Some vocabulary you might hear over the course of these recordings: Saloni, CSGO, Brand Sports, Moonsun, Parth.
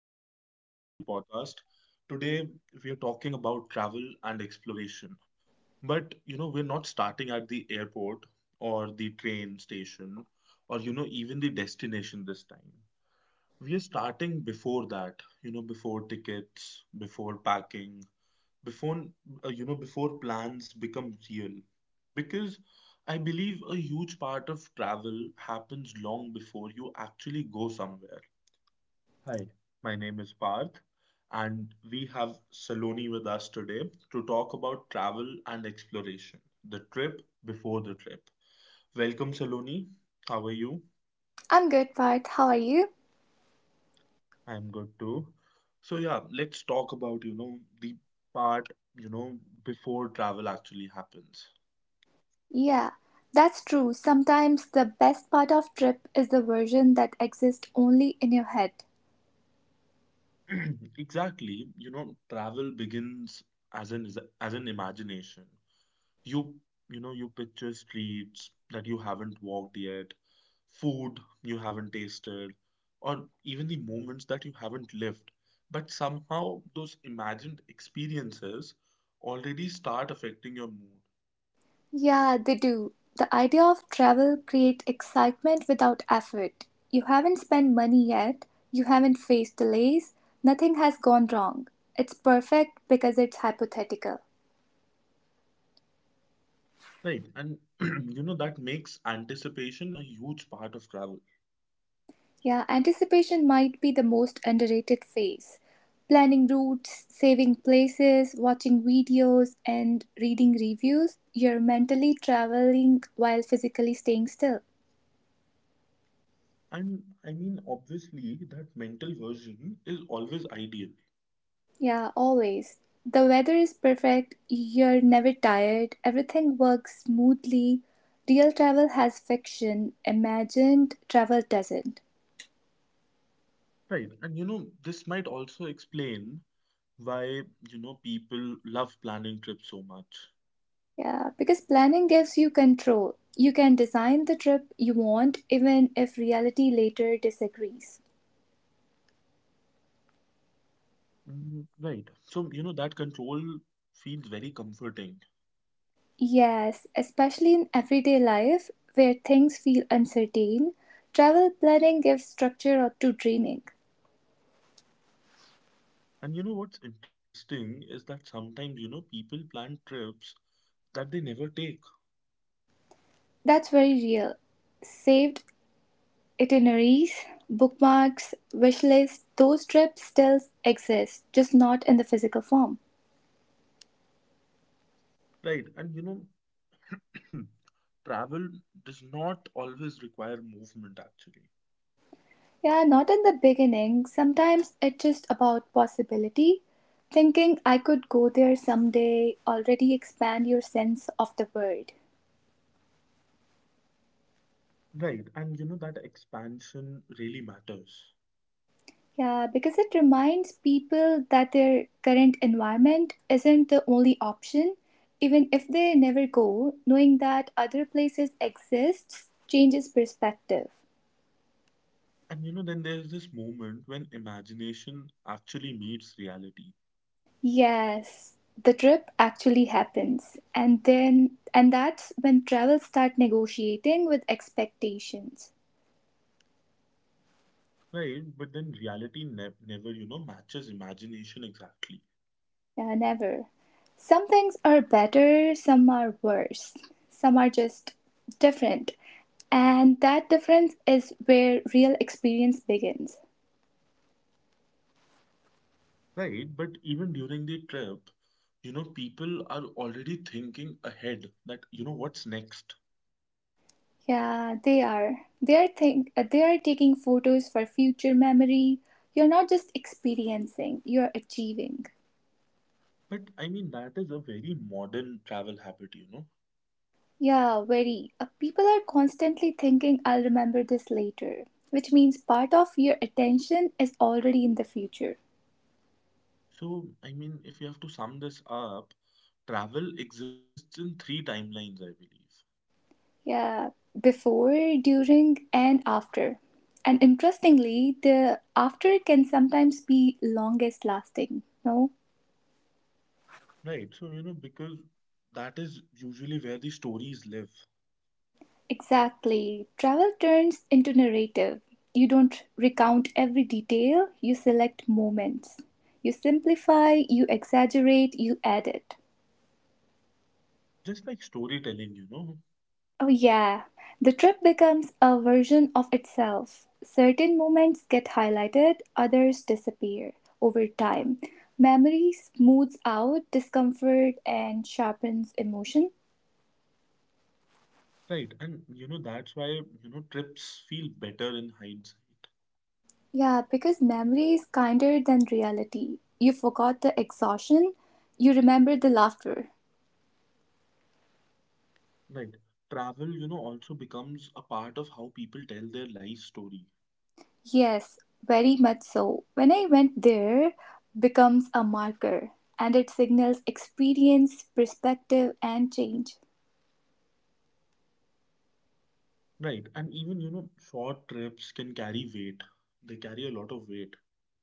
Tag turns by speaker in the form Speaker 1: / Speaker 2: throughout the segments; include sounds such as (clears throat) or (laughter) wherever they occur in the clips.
Speaker 1: podcast. Today, we are talking about travel and exploration. But, we're not starting at the airport or the train station or, even the destination this time. We are starting before that, before tickets, before packing, before, before plans become real. Because I believe a huge part of travel happens long before you actually go somewhere. Hi, my name is Parth, and we have Saloni with us today to talk about travel and exploration, the trip before the trip. Welcome, Saloni. How are you?
Speaker 2: I'm good, Parth. How are you?
Speaker 1: I'm good too. So yeah, let's talk about, the part, you know, before travel actually happens.
Speaker 2: Yeah, that's true. Sometimes the best part of trip is the version that exists only in your head.
Speaker 1: (clears throat) Exactly, you know, travel begins as an as an imagination. You, you know, you picture streets that you haven't walked yet, food you haven't tasted, or even the moments that you haven't lived. But somehow those imagined experiences already start affecting your mood,
Speaker 2: Yeah, they do. The idea of travel creates excitement without effort. You haven't spent money yet, you haven't faced delays, nothing has gone wrong. It's perfect because it's hypothetical.
Speaker 1: right? And (clears throat) you know, that makes anticipation a huge part of travel.
Speaker 2: Yeah, anticipation might be the most underrated phase. Planning routes, saving places, watching videos, and reading reviews, you're mentally traveling while physically staying still.
Speaker 1: And I mean, obviously, that mental version is always ideal.
Speaker 2: Yeah, always. The weather is perfect, you're never tired, everything works smoothly. Real travel has fiction, imagined travel doesn't.
Speaker 1: Right. And you know, this might also explain why you know people love planning trips so much.
Speaker 2: Yeah, because planning gives you control. You can design the trip you want even if reality later disagrees.
Speaker 1: Mm, right. So you know that control feels very comforting.
Speaker 2: Yes, especially in everyday life where things feel uncertain, travel planning gives structure to dreaming.
Speaker 1: And you know what's interesting is that sometimes you know people plan trips that they never take.
Speaker 2: That's very real. Saved itineraries, bookmarks, wish lists, those trips still exist, just not in the physical form.
Speaker 1: Right. And you know (clears throat) travel does not always require movement actually.
Speaker 2: Yeah, not in the beginning. Sometimes it's just about possibility. Thinking I could go there someday already expand your sense of the world.
Speaker 1: Right. And you know that expansion really matters.
Speaker 2: Yeah, because it reminds people that their current environment isn't the only option. Even if they never go, knowing that other places exist changes perspective.
Speaker 1: And you know then there's this moment when imagination actually meets reality.
Speaker 2: Yes, the trip actually happens. And that's when travel start negotiating with expectations.
Speaker 1: Right, but then reality never, you know, matches imagination exactly.
Speaker 2: Yeah, never. Some things are better, some are worse, some are just different. And that difference is where real experience begins.
Speaker 1: Right, but even during the trip, you know, people are already thinking ahead that, you know, what's next.
Speaker 2: Yeah, they are. They are think they are taking photos for future memory. You're not just experiencing, you're achieving.
Speaker 1: But I mean, that is a very modern travel habit, you know.
Speaker 2: Yeah, very. People are constantly thinking I'll remember this later, which means part of your attention is already in the future.
Speaker 1: So, I mean, if you have to sum this up, travel exists in three timelines, I believe.
Speaker 2: Yeah, before, during, and after. And interestingly, the after can sometimes be longest lasting. No?
Speaker 1: Right, so, you know, because that is usually where the stories live.
Speaker 2: Exactly. Travel turns into narrative. You don't recount every detail, you select moments. You simplify, you exaggerate, you edit.
Speaker 1: Just like storytelling, you know,
Speaker 2: Oh, yeah. The trip becomes a version of itself. Certain moments get highlighted, others disappear over time. Memory smooths out discomfort and sharpens emotion.
Speaker 1: right, and you know that's why you know trips feel better in hindsight.
Speaker 2: Yeah, because memory is kinder than reality. You forgot the exhaustion, you remember the laughter.
Speaker 1: Right. Travel, you know, also becomes a part of how people tell their life story.
Speaker 2: Yes, very much so. When I went there, becomes a marker and it signals experience, perspective, and change.
Speaker 1: Right, and even you know short trips can carry weight. They carry a lot of weight.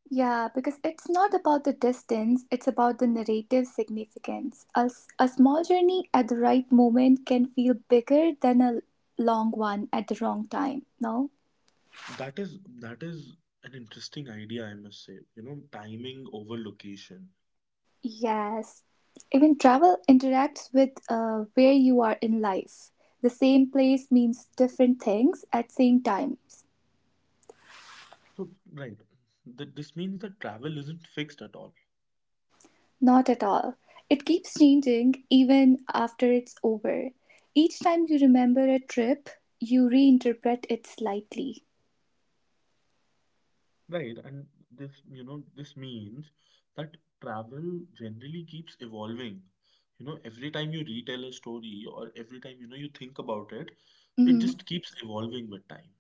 Speaker 2: Yeah, because it's not about the distance, it's about the narrative significance. A small journey at the right moment can feel bigger than a long one at the wrong time, no?
Speaker 1: That is an interesting idea, I must say. You know, timing over location.
Speaker 2: Yes. Even travel interacts with where you are in life. The same place means different things at same times.
Speaker 1: So, right, this means that travel isn't fixed at all.
Speaker 2: Not at all. It keeps changing even after it's over. Each time you remember a trip, you reinterpret it slightly.
Speaker 1: Right, and this, you know, this means that travel generally keeps evolving. You know, every time you retell a story or every time, you know, you think about it, it just
Speaker 2: Mm-hmm.
Speaker 1: keeps evolving with time.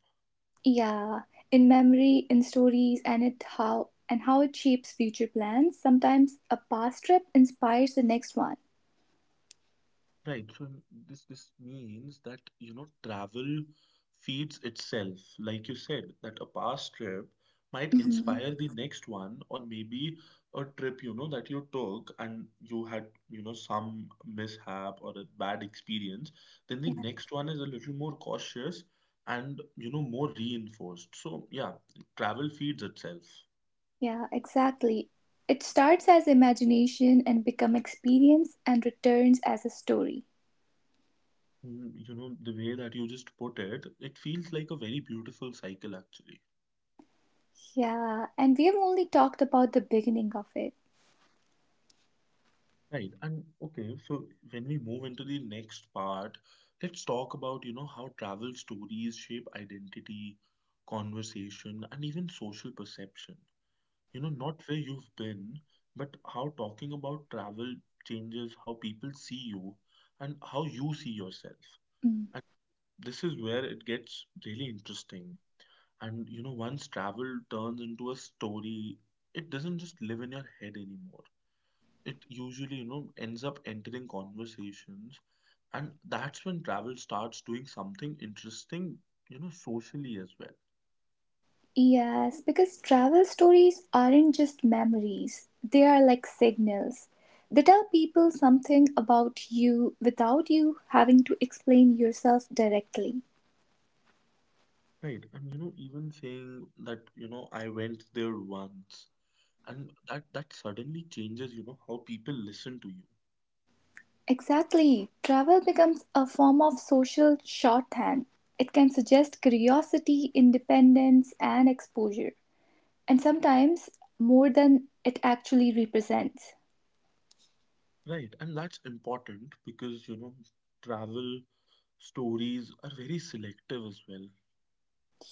Speaker 2: Yeah, in memory, in stories, and it how and how it shapes future plans. Sometimes a past trip inspires the next one.
Speaker 1: Right. This means that you know travel feeds itself. Like you said, that a past trip might
Speaker 2: Mhm.
Speaker 1: inspire the next one, or maybe a trip you know that you took and you had you know some mishap or a bad experience. Then the
Speaker 2: Yeah,
Speaker 1: next one is a little more cautious and you know more reinforced. So yeah, travel feeds itself.
Speaker 2: yeah, exactly. It starts as imagination and become experience and returns as a story.
Speaker 1: Mm, you know the way that you just put it, it feels like a very beautiful cycle actually.
Speaker 2: Yeah, and we have only talked about the beginning of it.
Speaker 1: Right. And okay, so when we move into the next part, let's talk about, you know, how travel stories shape identity, conversation, and even social perception. You know, not where you've been, but how talking about travel changes how people see you and how you see yourself.
Speaker 2: Mm.
Speaker 1: And this is where it gets really interesting. And, you know, once travel turns into a story, it doesn't just live in your head anymore, it usually you know ends up entering conversations, and that's when travel starts doing something interesting you know socially as well.
Speaker 2: Yes, because travel stories aren't just memories, they are like signals. They tell people something about you without you having to explain yourself directly.
Speaker 1: Right, and you know even saying that you know I went there once, and that suddenly changes you know how people listen to you.
Speaker 2: Exactly, travel becomes a form of social shorthand. It can suggest curiosity, independence, and exposure, and sometimes more than it actually represents.
Speaker 1: Right, and that's important because you know travel stories are very selective as well.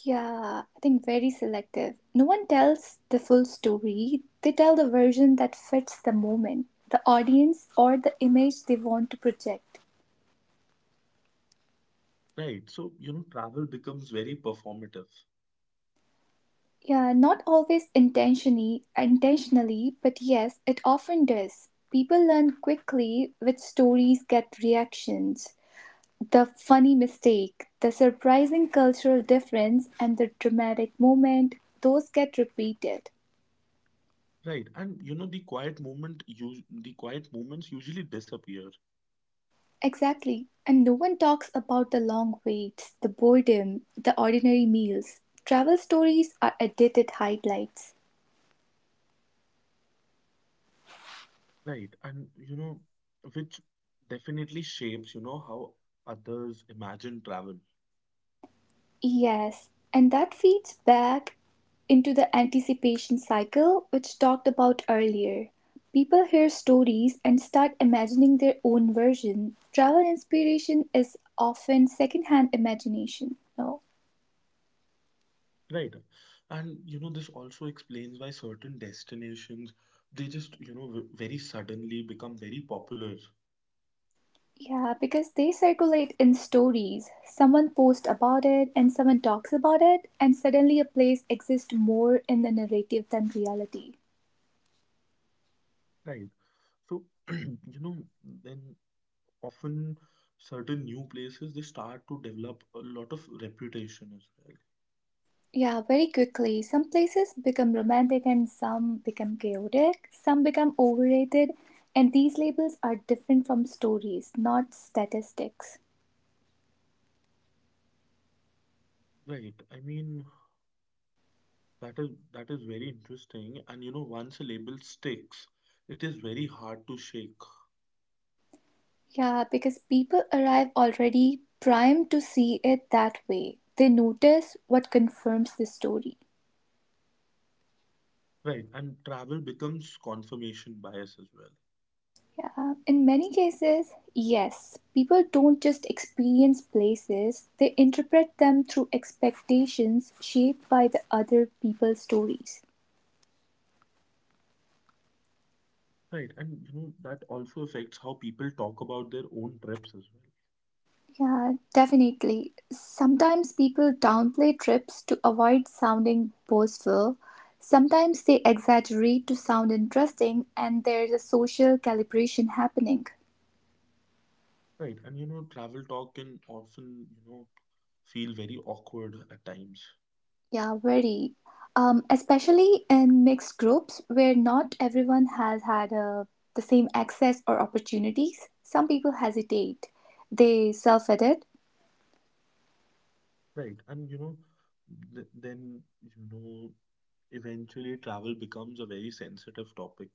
Speaker 2: Yeah, I think very selective. No one tells the full story. They tell the version that fits the moment, the audience, or the image they want to project.
Speaker 1: Right, so you know travel becomes very performative.
Speaker 2: Yeah, not always intentionally, but yes, it often does. People learn quickly which stories get reactions. The funny mistake, the surprising cultural difference, and the dramatic moment, those get repeated.
Speaker 1: Right, and you know the quiet the quiet moments usually disappear,
Speaker 2: Exactly. And no one talks about the long waits, the boredom, the ordinary meals. Travel stories are edited highlights.
Speaker 1: right? And you know, which definitely shapes, you know, how others imagine travel,
Speaker 2: Yes, and that feeds back into the anticipation cycle which talked about earlier. People hear stories and start imagining their own version. Travel inspiration is often secondhand imagination, no?
Speaker 1: right? And you know, this also explains why certain destinations they just, you know, very suddenly become very popular,
Speaker 2: Yeah, because they circulate in stories. Someone posts about it and someone talks about it, and suddenly a place exists more in the narrative than reality.
Speaker 1: right? So, (clears throat) you know, then often certain new places they start to develop a lot of reputation as well,
Speaker 2: Yeah, very quickly. Some places become romantic and some become chaotic, some become overrated, and these labels are different from stories, not statistics.
Speaker 1: right? I mean. That is very interesting. And you know, once a label sticks, it is very hard to shake.
Speaker 2: Yeah, because people arrive already primed to see it that way. They notice what confirms the story.
Speaker 1: Right. And travel becomes confirmation bias as well.
Speaker 2: Yeah, in many cases, yes. People don't just experience places, they interpret them through expectations shaped by the other people's stories.
Speaker 1: Right. And you know, that also affects how people talk about their own trips as well.
Speaker 2: Yeah, definitely. Sometimes people downplay trips to avoid sounding boastful. Sometimes they exaggerate to sound interesting, and there's a social calibration happening.
Speaker 1: Right. And you know, travel talk can often, you know, feel very awkward at times.
Speaker 2: Yeah, very. Especially in mixed groups where not everyone has had the same access or opportunities. Some people hesitate. They self edit.
Speaker 1: Right. And you know, th then, you know, eventually travel becomes a very sensitive topic.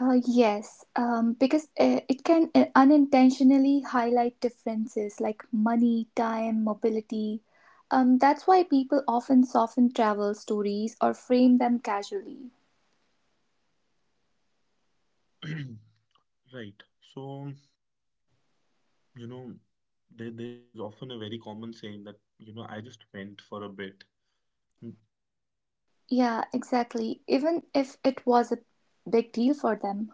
Speaker 2: Yes, because it can unintentionally highlight differences like money, time, mobility. That's why people often soften travel stories or frame them casually.
Speaker 1: (clears throat) Right. So you know, there's often a very common saying that, you know, I just went for a bit. Mm,
Speaker 2: Yeah, exactly. Even if it was a big deal for them.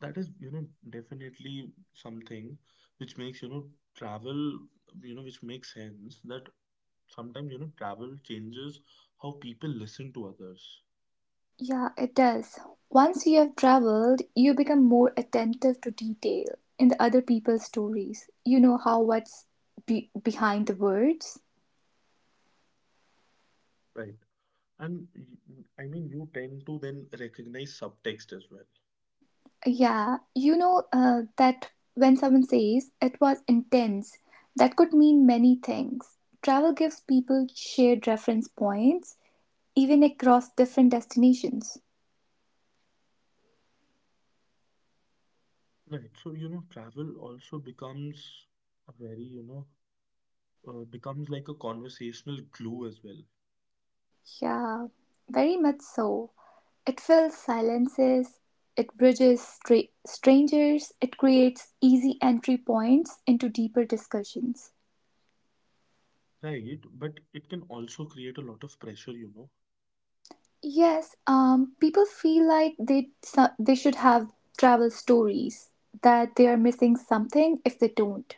Speaker 1: that is, you know, definitely something which makes, you know, travel, you know, which makes sense that sometimes, you know, travel changes how people listen to others,
Speaker 2: Yeah, it does. Once you have traveled, you become more attentive to detail in the other people's stories. You know how what's behind the words.
Speaker 1: right? And I mean, you tend to then recognize subtext as well.
Speaker 2: Yeah, you know that when someone says it was intense, that could mean many things. Travel gives people shared reference points, even across different destinations.
Speaker 1: Right. So, you know, travel also becomes a very, becomes like a conversational glue as well.
Speaker 2: Yeah, very much so. It fills silences, it bridges strangers, it creates easy entry points into deeper discussions.
Speaker 1: Right, but it can also create a lot of pressure, you know.
Speaker 2: Yes, people feel like they they should have travel stories that they are missing something if they don't.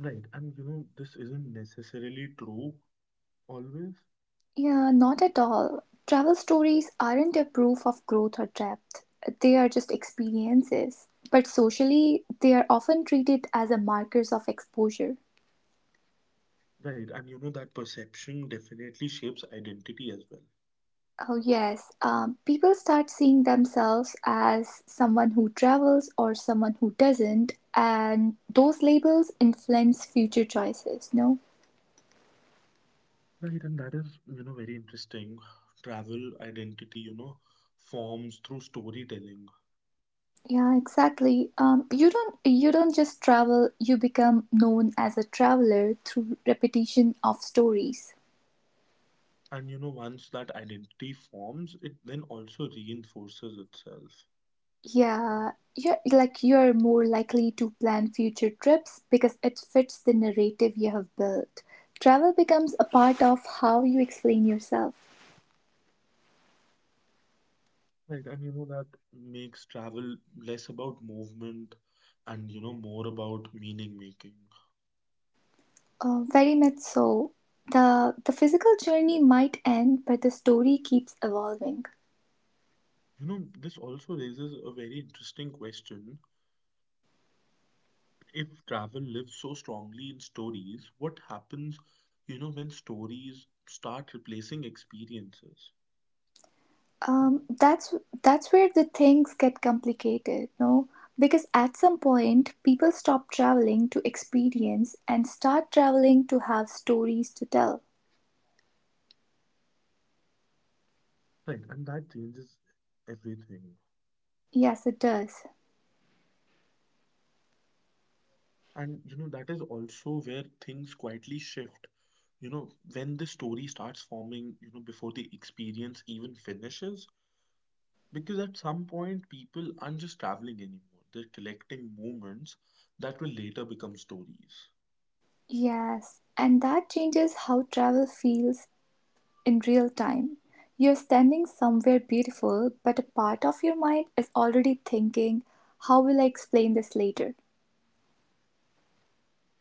Speaker 1: Right, and you know, this isn't necessarily true always.
Speaker 2: Yeah, not at all. Travel stories aren't a proof of growth or depth. They are just experiences. But socially, they are often treated as a markers of exposure.
Speaker 1: Right, and you know, that perception definitely shapes identity as well.
Speaker 2: Oh, yes. People start seeing themselves as someone who travels or someone who doesn't, and those labels influence future choices, no?
Speaker 1: Right, and that is, you know, very interesting. Travel identity, you know, forms through storytelling.
Speaker 2: Yeah, exactly. Um, you don't just travel, you become known as a traveler through repetition of stories.
Speaker 1: And you know, once that identity forms, it then also reinforces itself.
Speaker 2: Yeah, you're more likely to plan future trips because it fits the narrative you have built. Travel becomes a part of how you explain yourself.
Speaker 1: Right, and you know, that makes travel less about movement and, you know, more about meaning making.
Speaker 2: Very much so. The physical journey might end, but the story keeps evolving.
Speaker 1: You know, this also raises a very interesting question. If travel lives so strongly in stories, what happens, you know, when stories start replacing experiences?
Speaker 2: Um, that's that's where the things get complicated, no? Because at some point, people stop traveling to experience and start traveling to have stories to tell.
Speaker 1: Right, and that changes everything.
Speaker 2: Yes, it does.
Speaker 1: And, you know, that is also where things quietly shift. You know, when the story starts forming, you know, before the experience even finishes, because at some point people aren't just traveling anymore, they're collecting moments that will later become stories.
Speaker 2: Yes, and that changes how travel feels in real time. You're standing somewhere beautiful, but a part of your mind is already thinking, how will I explain this later?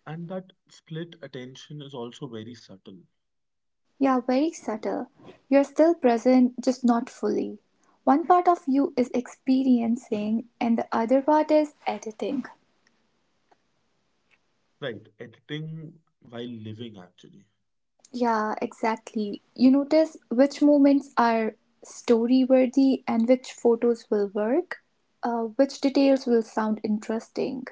Speaker 1: And that split attention is also very subtle.
Speaker 2: You're very subtle. You're still present, just not fully. One part of you is experiencing, and the other part is editing.
Speaker 1: Right, editing while living actually.
Speaker 2: Yeah, exactly. You notice which moments are story worthy and which photos will work, which details will sound interesting.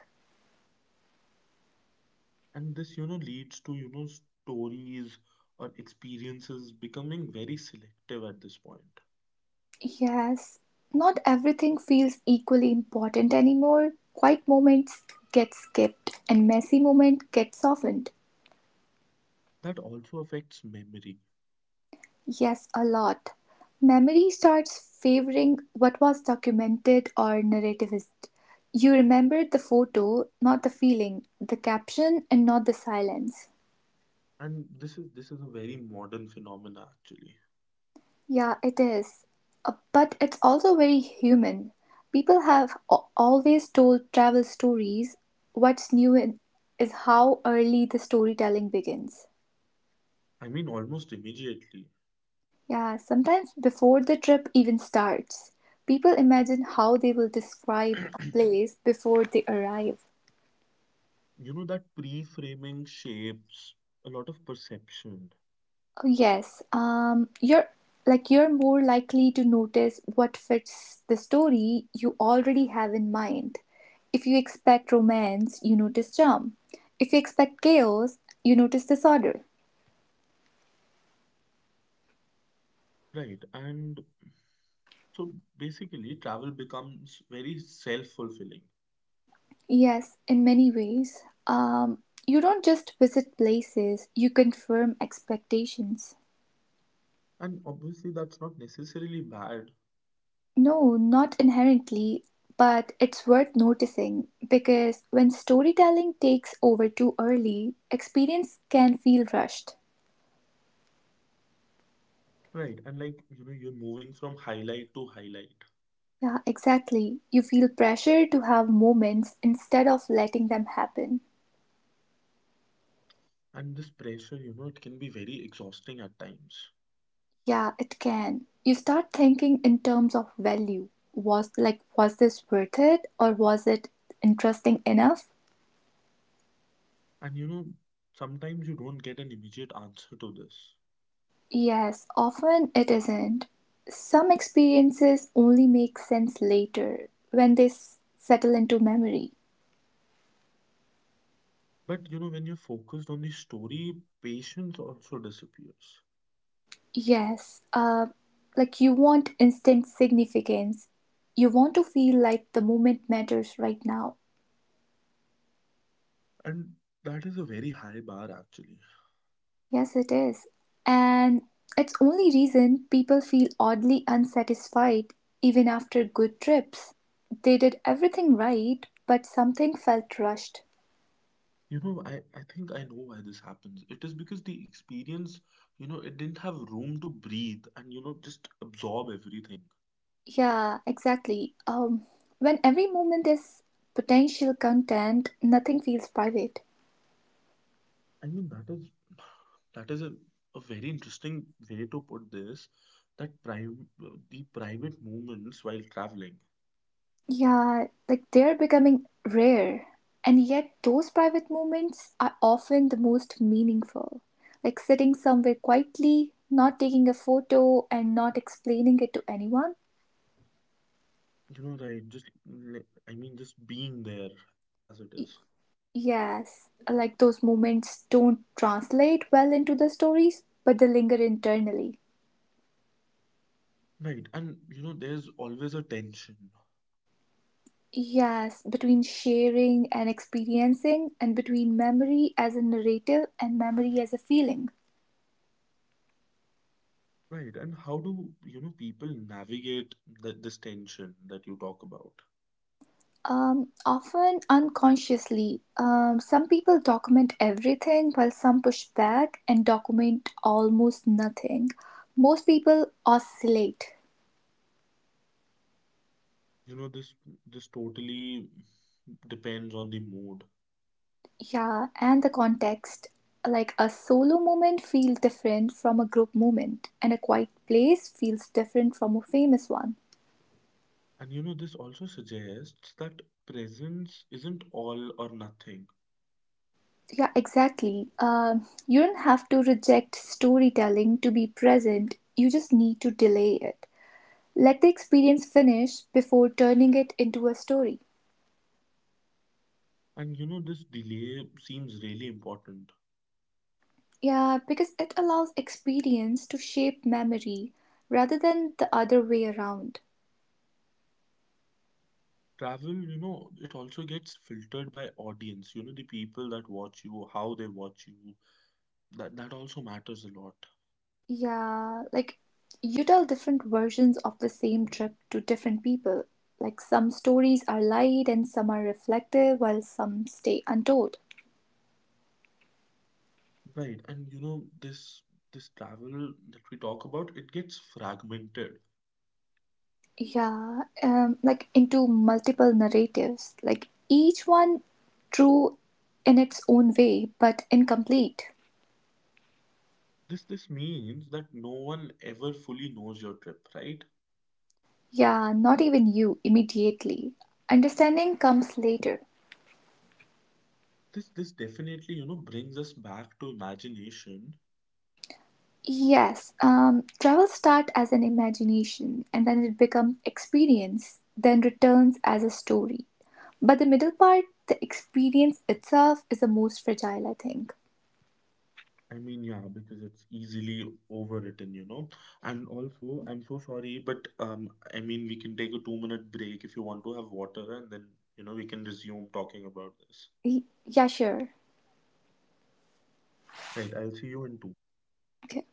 Speaker 1: And this, you know, leads to, you know, stories or experiences becoming very selective at this point.
Speaker 2: Yes, not everything feels equally important anymore. Quiet moments get skipped, and messy moments get softened.
Speaker 1: That also affects memory.
Speaker 2: Yes, a lot. Memory starts favoring what was documented or narrativist. You remembered the photo, not the feeling, the caption, and not the silence.
Speaker 1: And this is a very modern phenomena actually.
Speaker 2: Yeah, it is. But it's also very human. People have always told travel stories. What's new in, is how early the storytelling begins.
Speaker 1: I mean almost immediately.
Speaker 2: Yeah, sometimes before the trip even starts, people imagine how they will describe
Speaker 1: (clears throat)
Speaker 2: a place before they arrive.
Speaker 1: You know that pre-framing shapes a lot of perception,
Speaker 2: Oh, yes, you're you're more likely to notice what fits the story you already have in mind. If you expect romance, you notice charm. If you expect chaos, you notice disorder.
Speaker 1: right? And so basically travel becomes very self-fulfilling,
Speaker 2: Yes, in many ways. You don't just visit places, you confirm expectations.
Speaker 1: and obviously that's not necessarily bad.
Speaker 2: No, not inherently, but it's worth noticing because when storytelling takes over too early, experience can feel rushed.
Speaker 1: Right, and like you know you're moving from highlight to highlight,
Speaker 2: Yeah, exactly. You feel pressure to have moments instead of letting them happen.
Speaker 1: and this pressure you know it can be very exhausting at times.
Speaker 2: Yeah, it can. You start thinking in terms of value. Was this worth it or was it interesting enough?
Speaker 1: And you know sometimes you don't get an immediate answer to this,
Speaker 2: Yes, often it isn't. Some experiences only make sense later when they settle into memory.
Speaker 1: but you know when you're focused on the story patience also disappears.
Speaker 2: Yes, you want instant significance. You want to feel like the moment matters right now.
Speaker 1: And that is a very high bar actually.
Speaker 2: Yes, it is. And it's only reason people feel oddly unsatisfied even after good trips. They did everything right, but something felt rushed.
Speaker 1: You know, I think I know why this happens. It is because the experience you know it didn't have room to breathe and you know just absorb everything.
Speaker 2: Yeah, exactly. When every moment is potential content, nothing feels private.
Speaker 1: I mean, that is that is a very interesting way to put this. That private the private moments while traveling,
Speaker 2: Yeah, like they're becoming rare. And yet, those private moments are often the most meaningful. Like sitting somewhere quietly, not taking a photo, and not explaining it to anyone.
Speaker 1: you know, right? I mean, just being there as it is,
Speaker 2: Y- Yes, like those moments don't translate well into the stories, but they linger internally.
Speaker 1: right? And you know, there's always a tension,
Speaker 2: Yes, between sharing and experiencing, and between memory as a narrative and memory as a feeling.
Speaker 1: right? And how do you know people navigate this tension that you talk about?
Speaker 2: Often unconsciously, some people document everything while some push back and document almost nothing. Most people oscillate,
Speaker 1: You know, this totally depends on the mood.
Speaker 2: yeah, and the context. Like a solo moment feels different from a group moment, and a quiet place feels different from a famous one.
Speaker 1: And you know, this also suggests that presence isn't all or nothing.
Speaker 2: Yeah, exactly. You don't have to reject storytelling to be present, you just need to delay it. Let the experience finish before turning it into a story.
Speaker 1: And you know, this delay seems really important.
Speaker 2: Yeah, because it allows experience to shape memory rather than the other way around.
Speaker 1: Travel, you know, it also gets filtered by audience. You know, the people that watch you, how they watch you. That also matters a lot.
Speaker 2: Yeah, like you tell different versions of the same trip to different people. Like some stories are light and some are reflective, while some stay untold.
Speaker 1: Right. And you know, this travel that we talk about, it gets fragmented.
Speaker 2: Yeah like into multiple narratives, like each one true in its own way but incomplete.
Speaker 1: This means that no one ever fully knows your trip, right?
Speaker 2: Yeah, not even you immediately. Understanding comes later.
Speaker 1: This definitely, you know, brings us back to imagination.
Speaker 2: Yes, travel start as an imagination and then it becomes experience then returns as a story. But the middle part, the experience itself is the most fragile, I think.
Speaker 1: I mean, yeah, because it's easily overwritten, you know. And also, I'm so sorry, but I mean, we can take a 2-minute break if you want to have water, and then, you know, we can resume talking about this.
Speaker 2: Yeah, sure.
Speaker 1: Right, I'll see you in two.
Speaker 2: Okay.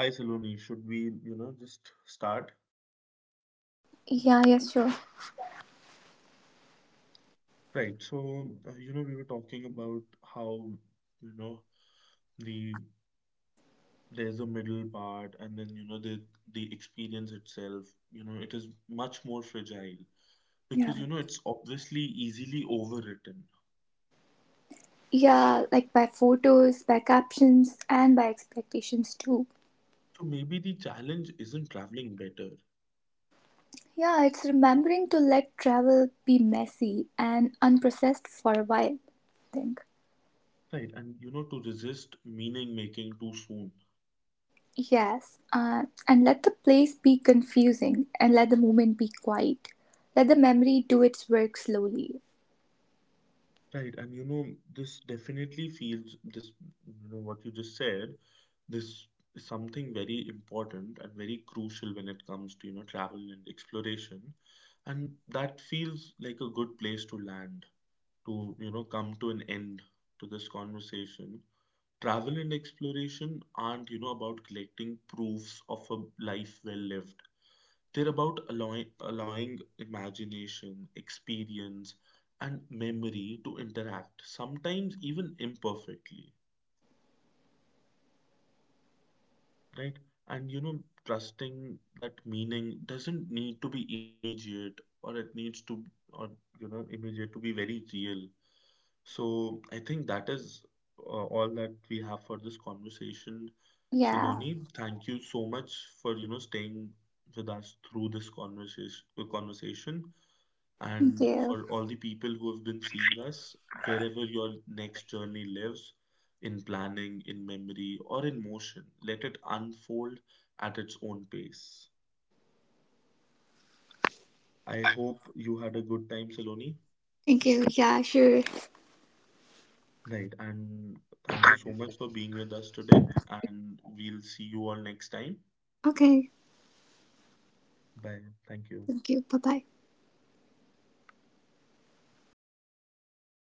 Speaker 1: Hi, Saloni. Should we, you know, just start?
Speaker 2: Yeah, yes, sure.
Speaker 1: Right, so, you know, we were talking about how, you know, the there's a middle part, and then, you know, the experience itself, you know, it is much more fragile
Speaker 2: Yeah.
Speaker 1: because, you know, it's obviously easily overwritten.
Speaker 2: Yeah, like by photos, by captions, and by expectations too.
Speaker 1: So maybe the challenge isn't traveling better,
Speaker 2: Yeah, it's remembering to let travel be messy and unprocessed for a while, I think.
Speaker 1: right? And you know, to resist meaning making too soon,
Speaker 2: Yes, and let the place be confusing and let the moment be quiet. Let the memory do its work slowly.
Speaker 1: right? And you know, this definitely feels this, you know, what you just said, this is something very important and very crucial when it comes to, you know, travel and exploration. And that feels like a good place to land, to, you know, come to an end to this conversation. Travel and exploration aren't, you know, about collecting proofs of a life well lived. They're about allowing imagination, experience, and memory to interact, sometimes even imperfectly. Right? And you know, trusting that meaning doesn't need to be immediate, or it needs to, or you know, immediate to be very real. So I think that is uh, all that we have for this conversation.
Speaker 2: Yeah,
Speaker 1: Saloni, thank you so much for you know staying with us through this conversation
Speaker 2: thank
Speaker 1: and
Speaker 2: you.
Speaker 1: for all the people who have been seeing us wherever your next journey lives in planning, in memory, or in motion. Let it unfold at its own pace. I hope you had a good time, Saloni.
Speaker 2: Thank you. Yeah, sure.
Speaker 1: Right, and thank you so much for being with us today. And we'll see you all next time.
Speaker 2: Okay,
Speaker 1: Bye. Thank you.
Speaker 2: thank you. Bye bye.